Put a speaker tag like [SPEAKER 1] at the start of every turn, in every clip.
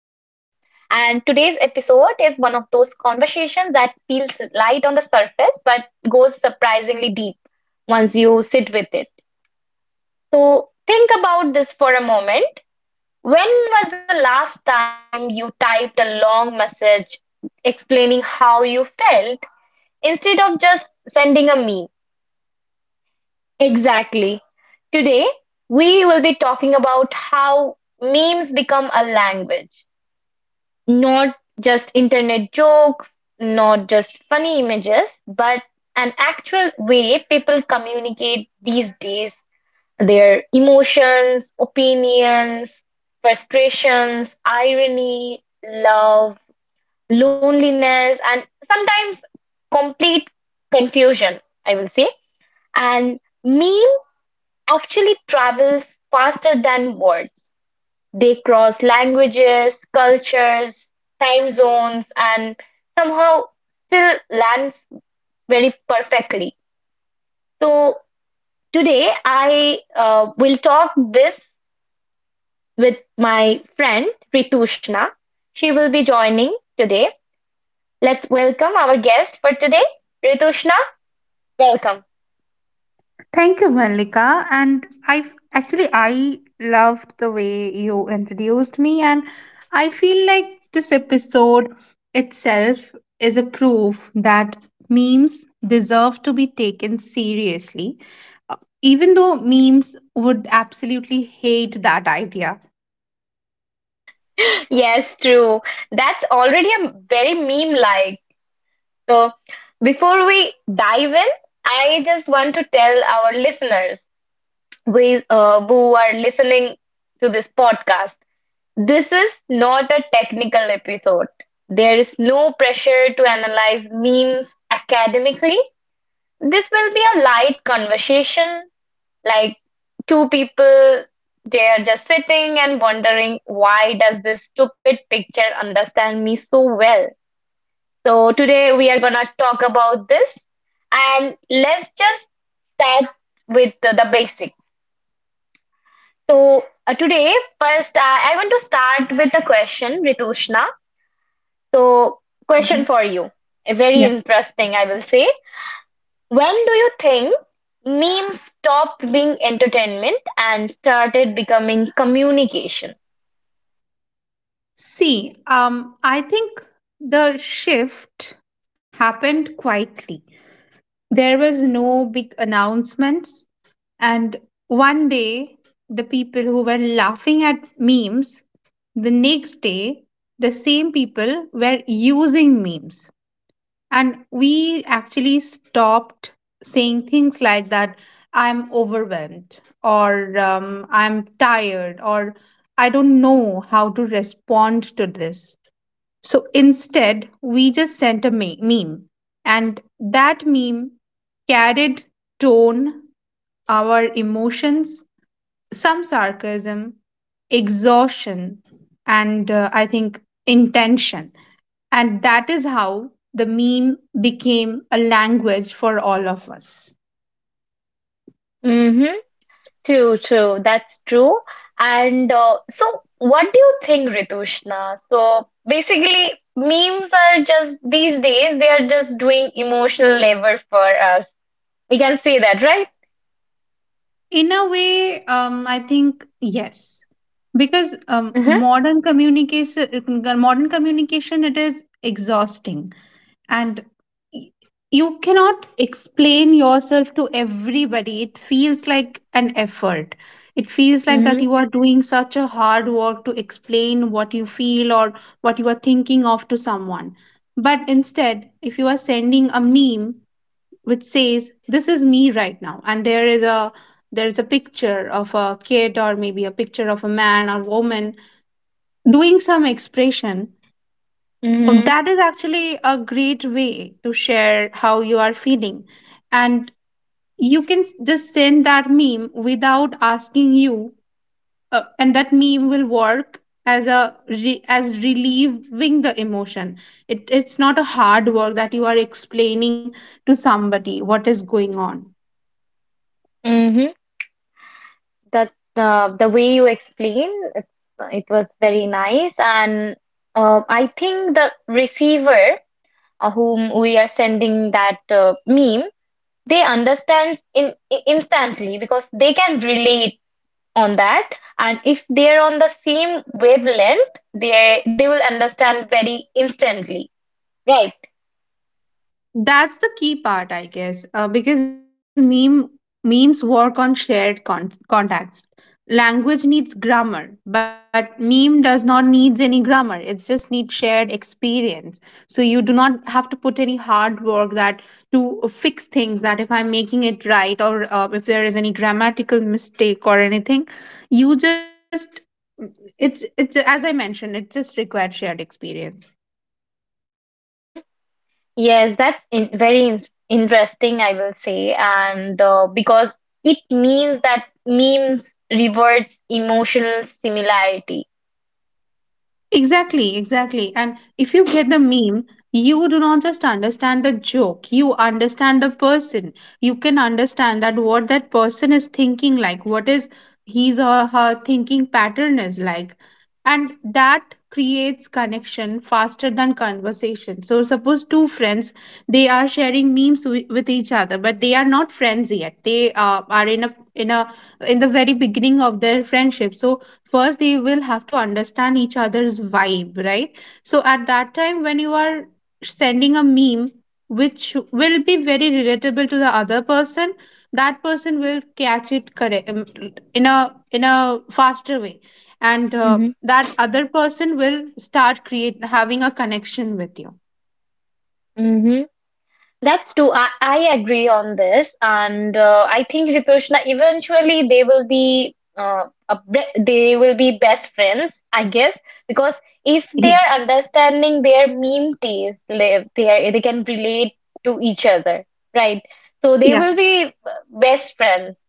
[SPEAKER 1] today's episode is one of those conversations that feels light on the surface but goes surprisingly deep once you sit with it. So, think about this for a moment. When was the last time you typed a long message explaining how you felt instead of just sending a meme? Exactly. Today, we will be talking about how memes become a language. Not just internet jokes, not just funny images, but an actual way people communicate these days their emotions, opinions, frustrations, irony, love, loneliness, and sometimes complete confusion, I will say. And memes actually travels faster than words. They cross languages, cultures, time zones, and somehow still lands very perfectly. So today I will talk this with my friend Ritushna. She will be joining today. Let's welcome our guest for today. Ritushna, welcome.
[SPEAKER 2] Thank you, Malika. And I actually I loved the way you introduced me, and I feel like this episode itself is a proof that memes deserve to be taken seriously, uh, even though memes would absolutely hate that idea.
[SPEAKER 1] Yes, true. That's already a very meme like. So, before we dive in, I just want to tell our listeners we, who are listening to this podcast, this is not a technical episode. There is no pressure to analyze memes academically. This will be a light conversation, like two people they are just sitting and wondering why does this stupid picture understand me so well. So today we are gonna talk about this, and let's just start with the basics. So today first I want to start with a question, Ritushna. So,
[SPEAKER 2] Mhm.
[SPEAKER 1] question for you, a very
[SPEAKER 2] Yeah.
[SPEAKER 1] interesting I will say. When do you think memes stopped being entertainment and started becoming communication?
[SPEAKER 2] I think the shift happened quietly. There was no big announcements. And one day, the people who were laughing at memes, the next day, the same people were using memes. And we actually stopped saying things like that I'm overwhelmed, or I'm tired, or I don't know how to respond to this. So instead, we just sent a meme. And that meme carried tone, our emotions, some sarcasm, exhaustion, and I think intention. And that is how the meme became a language for all of us.
[SPEAKER 1] Mm-hmm. True, true. That's true. And so, what do you think, Ritushna? So, basically, memes are just these days, they are just doing emotional labor for us. We can say that, right?
[SPEAKER 2] In a way, I think yes, because
[SPEAKER 1] Mm-hmm.
[SPEAKER 2] modern communication, modern communication, it is exhausting and y- you cannot explain yourself to everybody. It feels like an effort. It feels like that
[SPEAKER 1] Mm-hmm.
[SPEAKER 2] you are doing such a hard work to explain what you feel or what you are thinking of to someone. But instead, if you are sending a meme which says this is me right now, and there is a picture of a kid or maybe a picture of a man or woman doing some expression.
[SPEAKER 1] Mm-hmm.
[SPEAKER 2] That is actually a great way to share how you are feeling. And you can just send that meme without asking you, and that meme will work as a as relieving the emotion. It's not a hard work that you are explaining to somebody what is going on.
[SPEAKER 1] Mm-hmm. That the way you explain, it's it was very nice, and I think the receiver whom we are sending that meme, they understand in instantly because they can relate on that, and if they're on the same wavelength, they will understand very instantly, right?
[SPEAKER 2] That's the key part, I guess, because memes work on shared context. Language needs grammar, but meme does not needs any grammar. It just needs shared experience. So you do not have to put any hard work that to fix things. That if I'm making it right, or if there is any grammatical mistake or anything, you just it's as I mentioned, it just requires shared experience.
[SPEAKER 1] Hmm, yes, that's very interesting I will say, and because it means that memes rewards emotional similarity.
[SPEAKER 2] Exactly, exactly. And if you get the meme, you do not just understand the joke, you understand the person. You can understand that what that person is thinking like, what is his or her thinking pattern is like. And that creates connection faster than conversation. So suppose two friends, they are sharing memes with each other, but they are not friends yet. They are in the very beginning of their friendship. So first they will have to understand each other's vibe, right? So at that time, when you are sending a meme which will be very relatable to the other person, that person will catch it correct. In a faster way, and
[SPEAKER 1] Hmm.
[SPEAKER 2] that other person will start create having a connection with you.
[SPEAKER 1] Mhm. That's true. I agree on this, and I think Ritushna eventually they will be they will be best friends, I guess, because if they are
[SPEAKER 2] Yes.
[SPEAKER 1] understanding their meme memeties, they can relate to each other, right? So they
[SPEAKER 2] Yeah.
[SPEAKER 1] will be best friends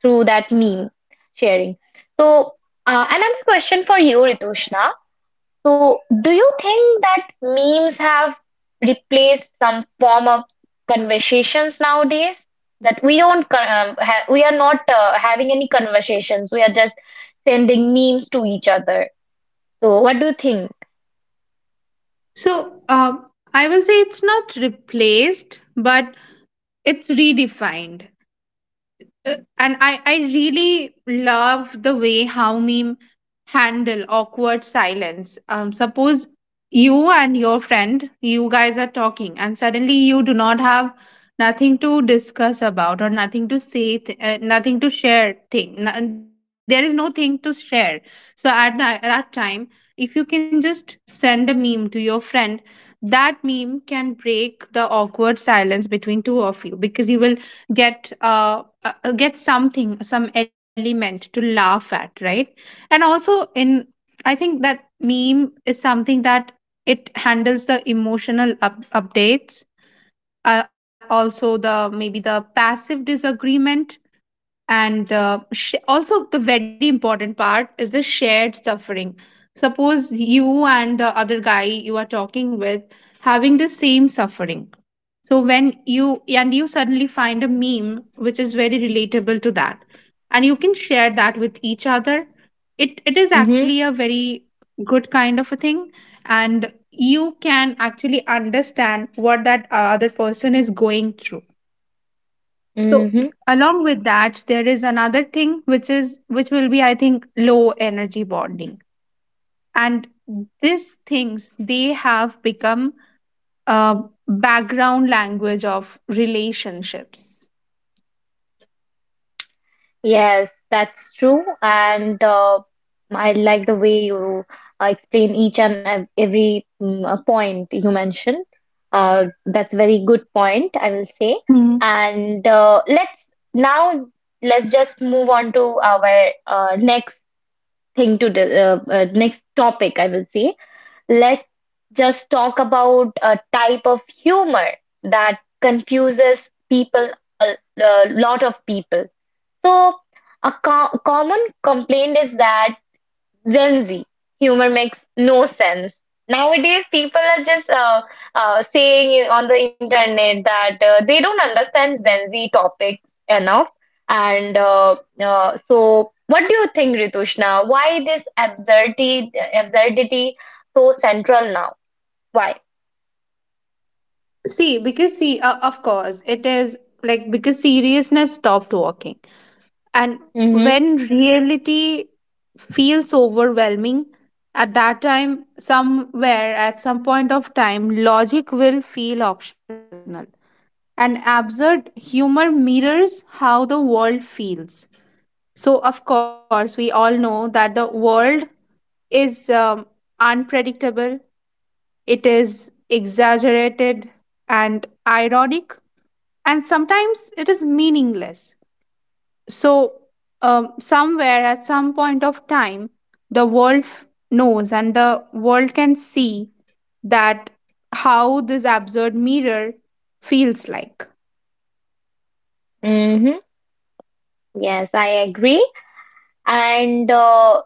[SPEAKER 1] through that meme sharing. So another question for you, Ritushna. So, do you think that memes have replaced some form of conversations nowadays? That we don't, con- ha we are not having any conversations. We are just sending memes to each other. So, what do you think?
[SPEAKER 2] So um, I will say it's not replaced, but it's redefined. And I really love the way how meme handle awkward silence. Suppose you and your friend, you guys are talking, and suddenly you do not have nothing to discuss about or nothing to say, nothing to share. Thing no- There is no thing to share. So at that time, if you can just send a meme to your friend, that meme can break the awkward silence between two of you because you will get uh get something, some element to laugh at, right? And also, in I think that meme is something that it handles the emotional updates, also the maybe the passive disagreement, and also the very important part is the shared suffering. Suppose you and the other guy you are talking with having the same suffering, so when you and you suddenly find a meme which is very relatable to that, and you can share that with each other, it is actually a very good kind of a thing, and you can actually understand what that other person is going through. So
[SPEAKER 1] Mm-hmm.
[SPEAKER 2] along with that, there is another thing which is which will be I think low energy bonding. And these things, they have become a background language of relationships.
[SPEAKER 1] Yes, that's true. And I like the way you explain each and every point you mentioned. That's a very good point, I will say.
[SPEAKER 2] Hmm.
[SPEAKER 1] And let's now let's just move on to our next thing to the next topic, I will say. Let's just talk about a type of humor that confuses people, a, a lot of people. So, a common complaint is that Gen Z humor makes no sense. Nowadays, people are just saying on the internet that they don't understand Gen Z topic enough. And so, what do you think, Ritushna? Why this absurdity so central now? Why?
[SPEAKER 2] Of course, it is like because seriousness stopped working. And
[SPEAKER 1] Mm-hmm.
[SPEAKER 2] when reality feels overwhelming, at that time, somewhere, at some point of time, logic will feel optional. And absurd humor mirrors how the world feels. So, of course, we all know that the world is unpredictable, it is exaggerated and ironic, and sometimes it is meaningless. So, somewhere at some point of time, the world knows and the world can see that how this absurd mirror feels like.
[SPEAKER 1] Mm-hmm. Yes, I agree. And uh,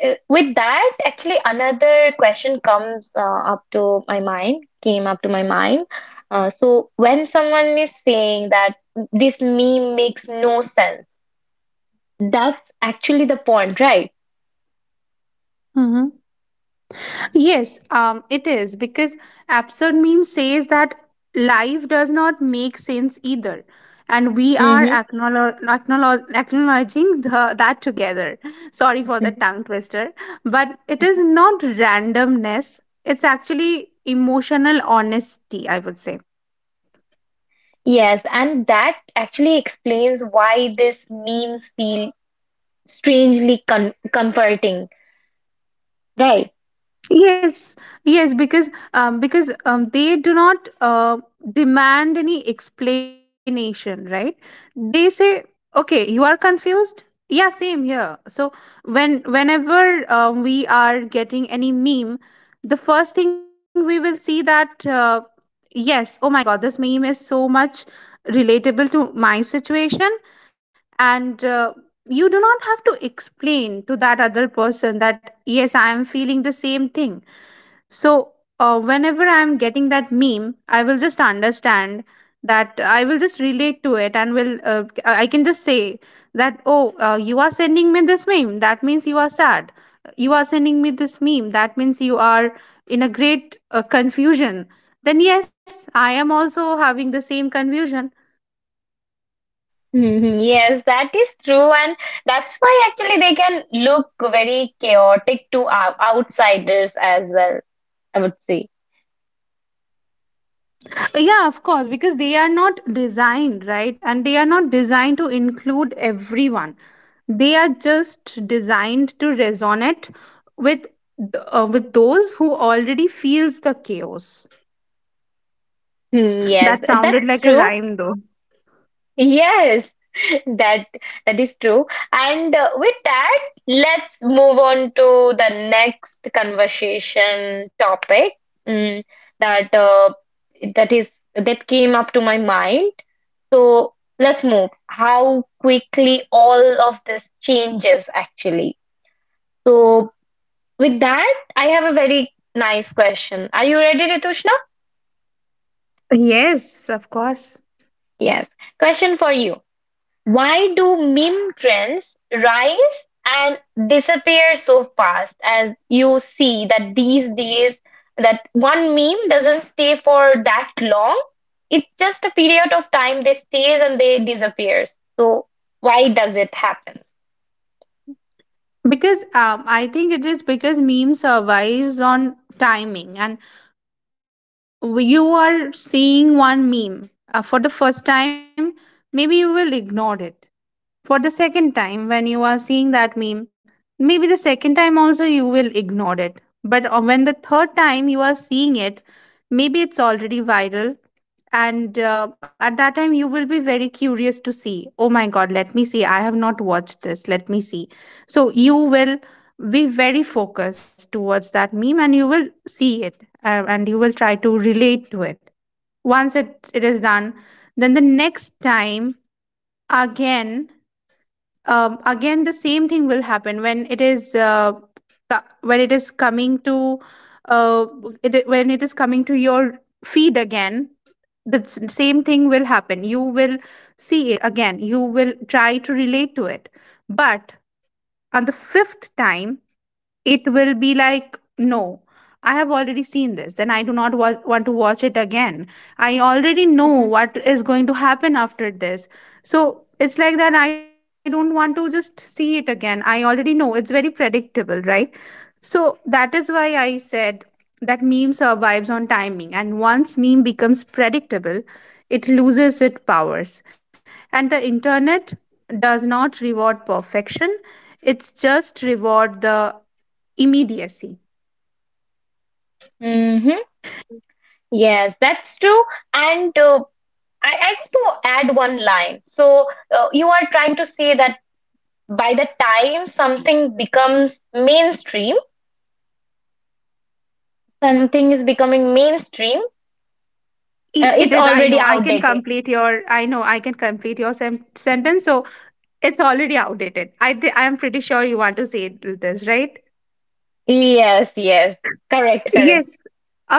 [SPEAKER 1] eh, with that, actually, another question comes up to my mind, came up to my mind. So when someone is saying that this meme makes no sense, that's actually the point, right?
[SPEAKER 2] Yes, it is because absurd meme says that life does not make sense either, and we are
[SPEAKER 1] Hmm.
[SPEAKER 2] acknowledging that together. Sorry for the tongue twister, but it is not randomness. It's actually emotional honesty, I would say.
[SPEAKER 1] Yes, and that actually explains why these memes feel strangely con comforting, right?
[SPEAKER 2] Yes, yes, because they do not demand any explanation, right? They say, "Okay, you are confused." Yeah, same here. So whenever we are getting any meme, the first thing we will see that yes, oh my god, this meme is so much relatable to my situation. And you do not have to explain to that other person that yes, I am feeling the same thing. So, whenever I'm getting that meme, I will just understand that I will just relate to it and will, I can just say that, oh, you are sending me this meme. That means you are sad. You are sending me this meme. That means you are in a great confusion. Then, yes, I am also having the same confusion.
[SPEAKER 1] Mhm. Yes, that is true, and that's why actually they can look very chaotic to outsiders as well, I would say.
[SPEAKER 2] Yeah, of course, because they are not designed, right? And they are not designed to include everyone. They are just designed to resonate with with those who already feels the chaos.
[SPEAKER 1] Hmm, yes,
[SPEAKER 2] That sounded
[SPEAKER 1] that's
[SPEAKER 2] like a
[SPEAKER 1] true.
[SPEAKER 2] rhyme though.
[SPEAKER 1] Yes, that that is true. And with that, let's move on to the next conversation topic, mm, that uh, that came up to my mind. So let's move. How quickly all of this changes actually. So, with that, I have a very nice question. Are you ready, Ritushna?
[SPEAKER 2] Yes, of course.
[SPEAKER 1] Yes. Question for you. Why do meme trends rise and disappear so fast as you see that these days that one meme doesn't stay for that long? It's just a period of time they stays and they disappears. So why does it happen?
[SPEAKER 2] Because I think it is because meme survives on timing. And you are seeing one meme for the first time, maybe you will ignore it. For the second time when you are seeing that meme, maybe the second time also you will ignore it. But when the third time you are seeing it, maybe it's already viral. And at that time you will be very curious to see, oh my god, let me see, I have not watched this, let me see. So you will be very focused towards that meme and you will see it, and you will try to relate to it. Once it is done, then the next time again, again the same thing will happen. When it is when it is coming to uh, when it is coming to your feed again, the same thing will happen. You will see it again, you will try to relate to it. But on the fifth time it will be like no, I have already seen this, then I do not want to watch it again. I already know
[SPEAKER 1] Mm-hmm.
[SPEAKER 2] what is going to happen after this. So it's like that I don't want to just see it again. I already know it's very predictable, right? So that is why I said that meme survives on timing, and once meme becomes predictable, it loses its powers. And the internet does not reward perfection, it's just reward the immediacy.
[SPEAKER 1] Mm-hmm. Yes, that's true. And I want to add one line. So you are trying to say that by the time something is becoming mainstream,
[SPEAKER 2] I- it
[SPEAKER 1] it's
[SPEAKER 2] is I
[SPEAKER 1] already
[SPEAKER 2] know I can
[SPEAKER 1] outdated.
[SPEAKER 2] complete your I know I can complete your sentence. So it's already outdated. I am pretty sure you want to say this, right?
[SPEAKER 1] Yes, yes, correct, correct.
[SPEAKER 2] Yes,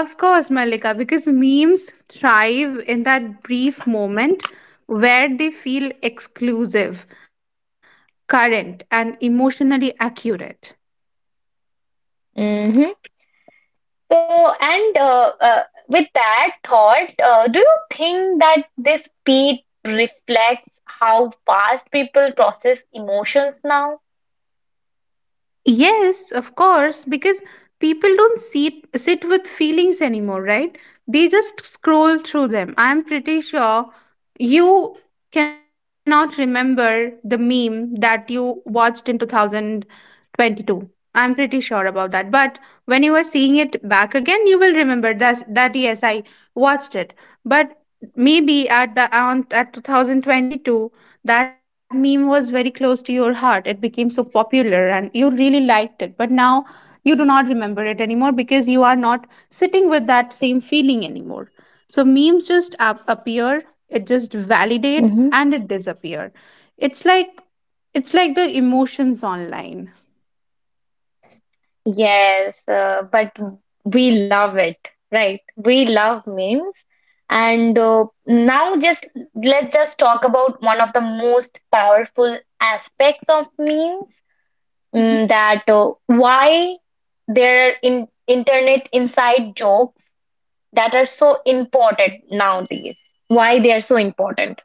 [SPEAKER 2] of course, Malika, because memes thrive in that brief moment where they feel exclusive, current, and emotionally accurate.
[SPEAKER 1] Hmm. So, and with that thought, do you think that this speed reflects how fast people process emotions now?
[SPEAKER 2] Yes, of course, because people don't sit with feelings anymore, right? They just scroll through them. I'm pretty sure you cannot remember the meme that you watched in 2000 22. I'm pretty sure about that. But when you are seeing it back again, you will remember that, that yes, I watched it. But maybe at the on at 2022, that meme was very close to your heart, it became so popular and you really liked it. But now you do not remember it anymore, because you are not sitting with that same feeling anymore. So memes just appear, it just validate, and it disappear. It's like it's like the emotions online.
[SPEAKER 1] Yes, but we love it, right? We love memes. And now just let's just talk about one of the most powerful aspects of memes,
[SPEAKER 2] Mhm.
[SPEAKER 1] mm, that why there are in internet inside jokes that are so important nowadays. Why they are so important.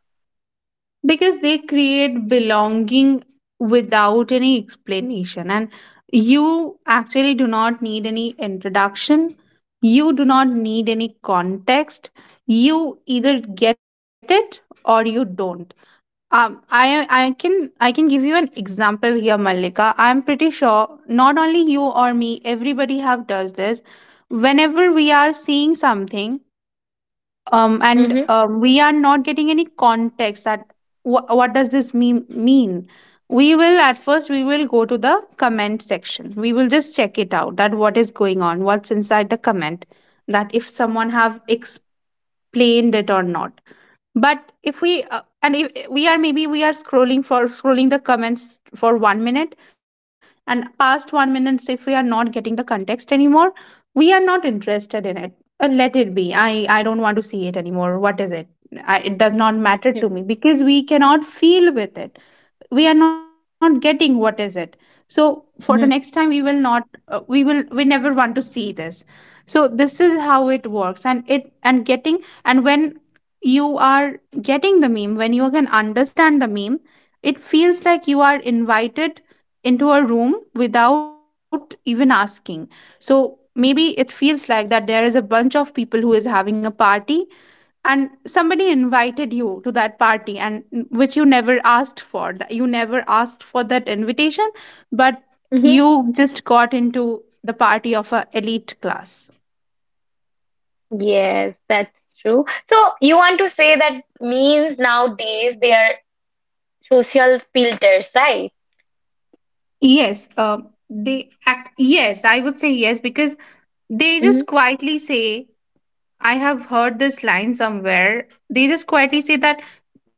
[SPEAKER 2] Because they create belonging without any explanation, and you actually do not need any introduction, you do not need any context. You either get it or you don't. Um i i can i can give you an example here, Malika. I'm pretty sure not only you or me, everybody have does this whenever we are seeing something,
[SPEAKER 1] Mm-hmm,
[SPEAKER 2] um, and
[SPEAKER 1] mm-hmm.
[SPEAKER 2] um, we are not getting any context that what does this mean. We will at first we will go to the comment section. We will just check it out, that what is going on, what's inside the comment, that if someone have explained it or not. But if we and if we are, maybe we are scrolling the comments for 1 minute, and past 1 minutes, if we are not getting the context anymore, we are not interested in it. Let it be. I don't want to see it anymore. What is it? It does not matter to me, because we cannot feel with it. We are not getting what is it. So for the next
[SPEAKER 1] Mm-hmm.
[SPEAKER 2] time, we will not we will we never want to see this. So this is how it works. And when you are getting the meme, when you can understand the meme, it feels like you are invited into a room without even asking. So maybe it feels like that there is a bunch of people who is having a party, and somebody invited you to that party, and which you never asked for that, you never asked for that invitation, but
[SPEAKER 1] Mm-hmm.
[SPEAKER 2] you just got into the party of a elite class.
[SPEAKER 1] Yes, that's true. So you want to say that memes nowadays they are social filters, right?
[SPEAKER 2] Yes. Yes, I would say yes, because they just
[SPEAKER 1] Mm-hmm.
[SPEAKER 2] quietly say, I have heard this line somewhere, they just quietly say that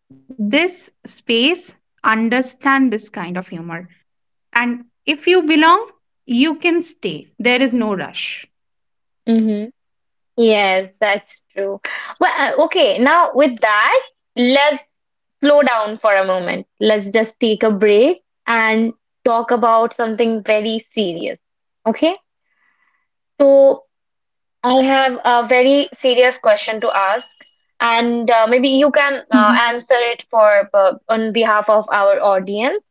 [SPEAKER 2] this space understand this kind of humor. And if you belong, you can stay. There is no rush.
[SPEAKER 1] Mm-hmm. Yes, that's true. Well, okay, now with that, let's slow down for a moment. Let's just take a break and talk about something very serious. Okay? So, I have a very serious question to ask, and maybe you
[SPEAKER 2] Mhm,
[SPEAKER 1] can answer it for on behalf of our audience.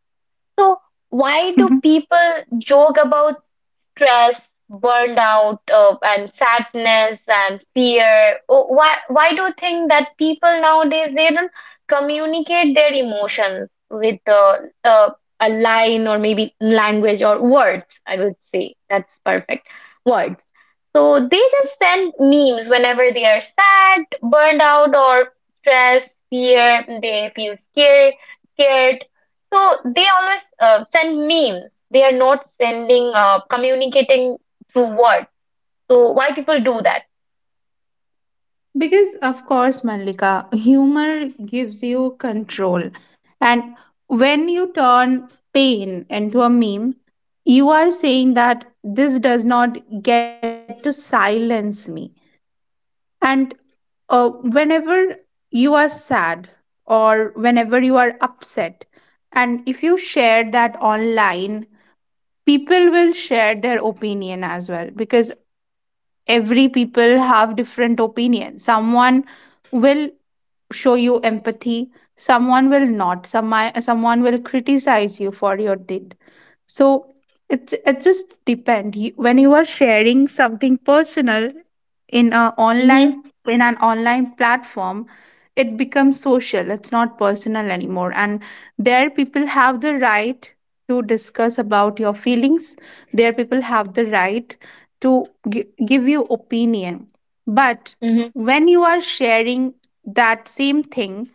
[SPEAKER 1] So, why
[SPEAKER 2] mhm.
[SPEAKER 1] do people joke about stress, burnout, and sadness and fear? Oh, why do you think that people nowadays they don't communicate their emotions with uh, a line or maybe language or words? I would say that's perfect. Words. So they just send memes whenever they are sad, burned out, or stressed, fear. They feel scared, so they always send memes. They are not sending, communicating through words. So why people do that?
[SPEAKER 2] Because, of course, Malika, humor gives you control. And when you turn pain into a meme, you are saying that this does not get to silence me. And whenever you are sad or whenever you are upset, and if you share that online, people will share their opinion as well, because every people have different opinion. Someone will show you empathy, someone will not. Someone will criticize you for your deed, so it just depend. When you are sharing something personal in a
[SPEAKER 1] Mm-hmm,
[SPEAKER 2] online in an online platform, it becomes social. It's not personal anymore. And there people have the right to discuss about your feelings. There people have the right to give you opinion. But
[SPEAKER 1] mm-hmm,
[SPEAKER 2] when you are sharing that same thing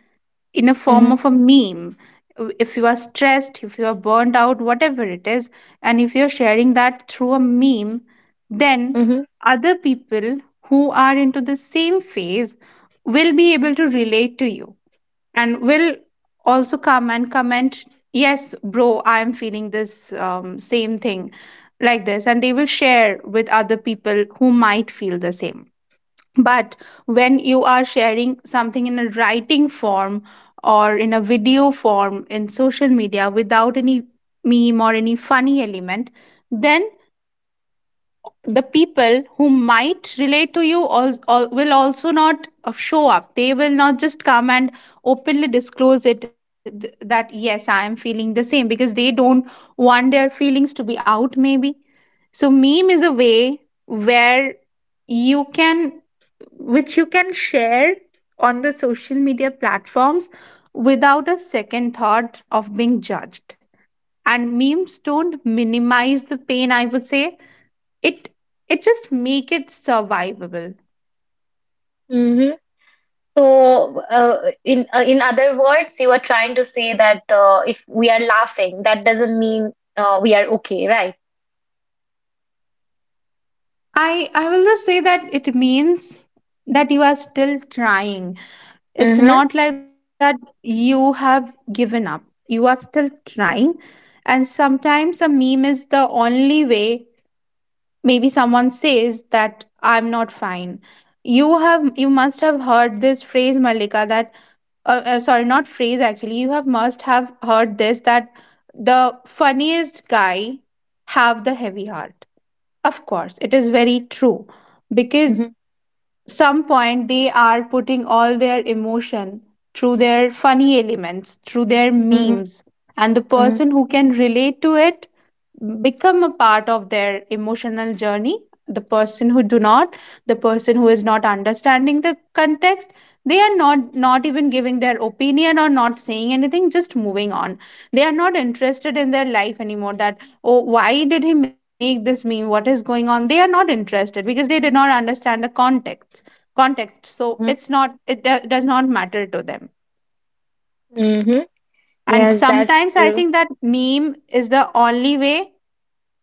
[SPEAKER 2] in a form
[SPEAKER 1] mm-hmm,
[SPEAKER 2] of a meme, if you are stressed, if you are burned out, whatever it is, and if you're sharing that through a meme, then
[SPEAKER 1] mm-hmm,
[SPEAKER 2] other people who are into the same phase will be able to relate to you and will also come and comment, yes bro, I am feeling this same thing, like this. And they will share with other people who might feel the same. But when you are sharing something in a writing form or in a video form in social media without any meme or any funny element, then the people who might relate to you all will also not show up, they will not just come and openly disclose it, that yes, I am feeling the same, because they don't want their feelings to be out maybe. So meme is a way where you can which you can share on the social media platforms without a second thought of being judged. And memes don't minimize the pain, I would say. It it just make it survivable.
[SPEAKER 1] mm-hmm. So in other words, you are trying to say that if we are laughing, that doesn't mean we are okay, right?
[SPEAKER 2] I will just say that it means that you are still trying. It's
[SPEAKER 1] Mm-hmm,
[SPEAKER 2] not like that you have given up. You are still trying. And sometimes a meme is the only way. Maybe someone says that I'm not fine. You must have heard this phrase, Malika, that sorry, not phrase actually, you have must have heard this, that the funniest guy have the heavy heart. Of course it is very true, because some point they are putting all their emotion through their funny elements, through their
[SPEAKER 1] mm-hmm,
[SPEAKER 2] memes. And the
[SPEAKER 1] mm-hmm,
[SPEAKER 2] person who can relate to it become a part of their emotional journey. the person who do not the person who is not understanding the context, they are not even giving their opinion or not saying anything, just moving on. They are not interested in their life anymore, that, oh, why did he make this meme, what is going on. They are not interested because they did not understand the context, so
[SPEAKER 1] mm-hmm,
[SPEAKER 2] it's not, it does not matter to them.
[SPEAKER 1] mm-hmm.
[SPEAKER 2] And
[SPEAKER 1] Yes, that's
[SPEAKER 2] sometimes I
[SPEAKER 1] true.
[SPEAKER 2] think that meme is the only way,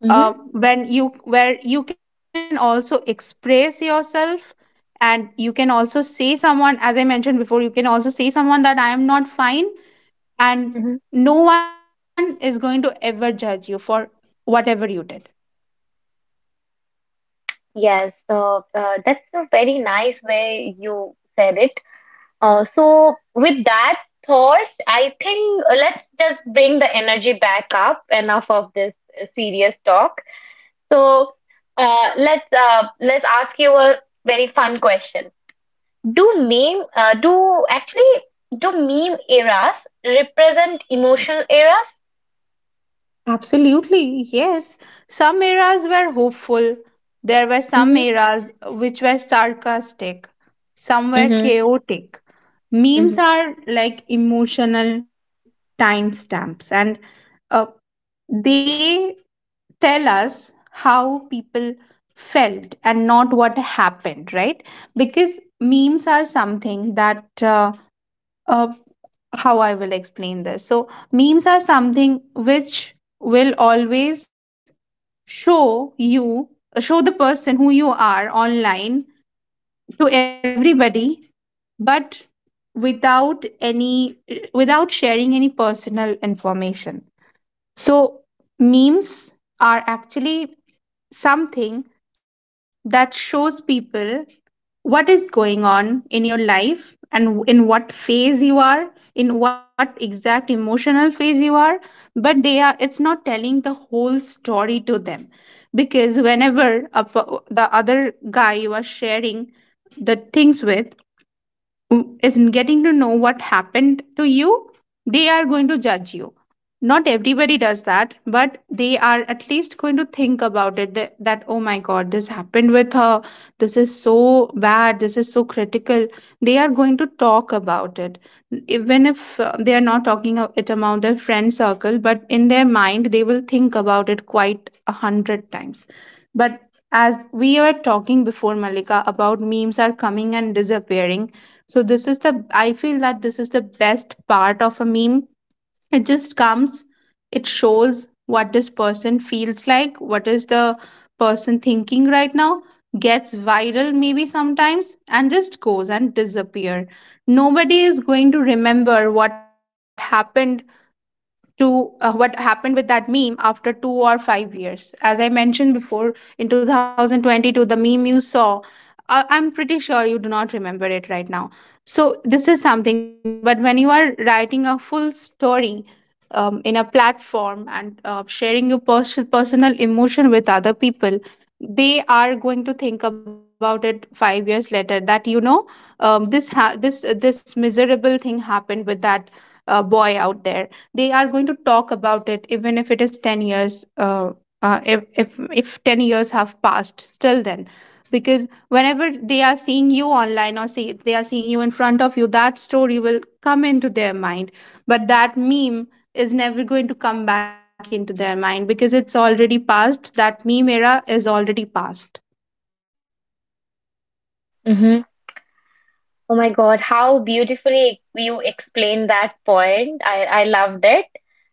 [SPEAKER 1] Mm-hmm,
[SPEAKER 2] when you where you can also express yourself, and you can also say someone, as I mentioned before, you can also say someone that I am not fine, and
[SPEAKER 1] mm-hmm.
[SPEAKER 2] no one is going to ever judge you for whatever you did.
[SPEAKER 1] Yes, so that's a very nice way you said it. So, with that thought, I think let's just bring the energy back up. Enough of this serious talk. So, let's ask you a very fun question. Do meme uh, do actually do meme eras represent emotional eras?
[SPEAKER 2] Absolutely yes. Some eras were hopeful, there were some
[SPEAKER 1] Mm-hmm,
[SPEAKER 2] eras which were sarcastic, some were
[SPEAKER 1] mm-hmm,
[SPEAKER 2] chaotic. Memes are like emotional timestamps, and uh, they tell us how people felt and not what happened, right? Because memes are something that, uh, how I will explain this. So, memes are something which will always show you, show the person who you are online to everybody, but without any, without sharing any personal information. So, memes are actually something that shows people what is going on in your life, and in what phase you are, in what exact emotional phase you are. But they are it's not telling the whole story to them, because whenever the other guy you are sharing the things with is getting to know what happened to you, they are going to judge you. Not everybody does that, but they are at least going to think about it, that, oh my God, this happened with her. This is so bad. This is so critical. They are going to talk about it. Even if they are not talking it among their friend circle, but in their mind, they will think about it quite a hundred times. But as we were talking before, Malika, about memes are coming and disappearing, so this is the I feel that this is the best part of a meme. It just comes, it shows what this person feels like, what is the person thinking right now, gets viral maybe sometimes and just goes and disappear. Nobody is going to remember what happened with that meme after 2 or 5 years. As I mentioned before, in 2022, the meme you saw, I'm pretty sure you do not remember it right now. So, this is something, but when you are writing a full story, in a platform and sharing your personal emotion with other people, they are going to think about it 5 years later, that this this miserable thing happened with that boy out there. They are going to talk about it, even if it is 10 years, if 10 years have passed still, then, because whenever they are seeing you online, or see they are seeing you in front of you, that story will come into their mind. But that meme is never going to come back into their mind, because it's already past, that meme era is already past.
[SPEAKER 1] mm-hmm. Oh my God, how beautifully you explained that point. I loved it.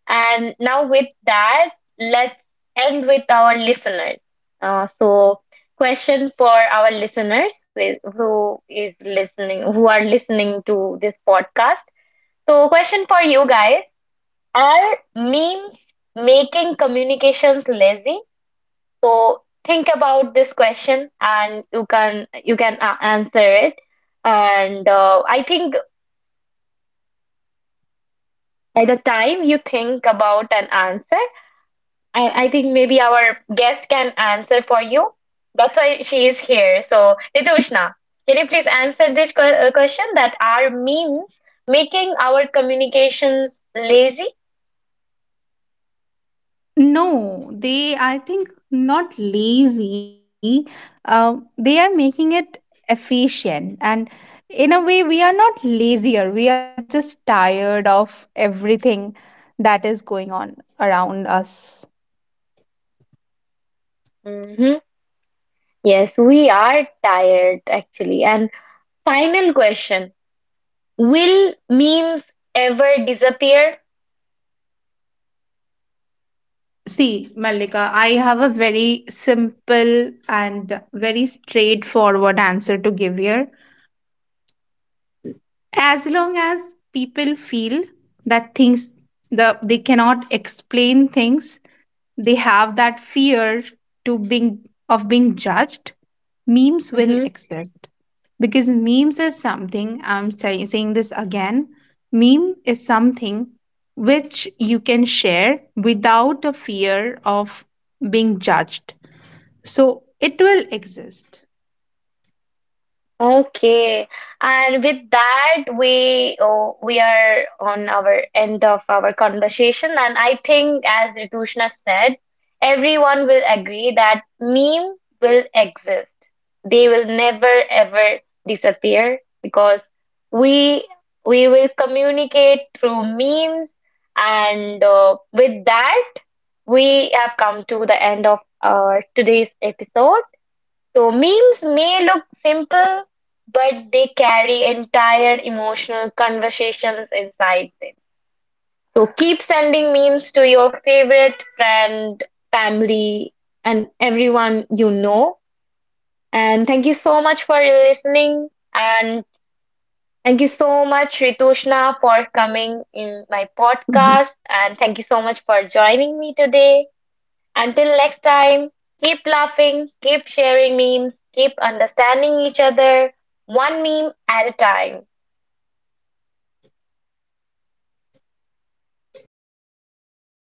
[SPEAKER 1] And now, with that, let's end with our listeners. So, question for our listeners who is listening, who are listening to this podcast. So, question for you guys, are memes making communications lazy? So, think about this question and you can answer it. And I think by the time you think about an answer, I think maybe our guest can answer for you. That's why she is here. So, Ritushna, can you please answer this question that are memes making our communications lazy?
[SPEAKER 2] No, they, I think, not lazy. They are making it efficient. And in a way, we are not lazier. We are just tired of everything that is going on around us.
[SPEAKER 1] Hmm. Yes, we are tired actually. And final question, will memes ever disappear?
[SPEAKER 2] See, Malika, I have a very simple and very straightforward answer to give here. As long as people feel that things, they cannot explain things, they have that fear to being of being judged, memes will exist, because memes is something, saying this again, meme is something which you can share without a fear of being judged, so it will exist.
[SPEAKER 1] Okay, and with that, we are on our end of our conversation, and I think, as Ritushna said, everyone will agree that meme will exist. They will never ever disappear because we we will communicate through memes, and with that, we have come to the end of our today's episode. So memes may look simple, but they carry entire emotional conversations inside them. So keep sending memes to your favorite friend, family, and everyone you know. And thank you so much for listening. And thank you so much, Ritushna, for coming in my podcast. And thank you so much for joining me today. Until next time, keep laughing, keep sharing memes, keep understanding each other, one meme at a time.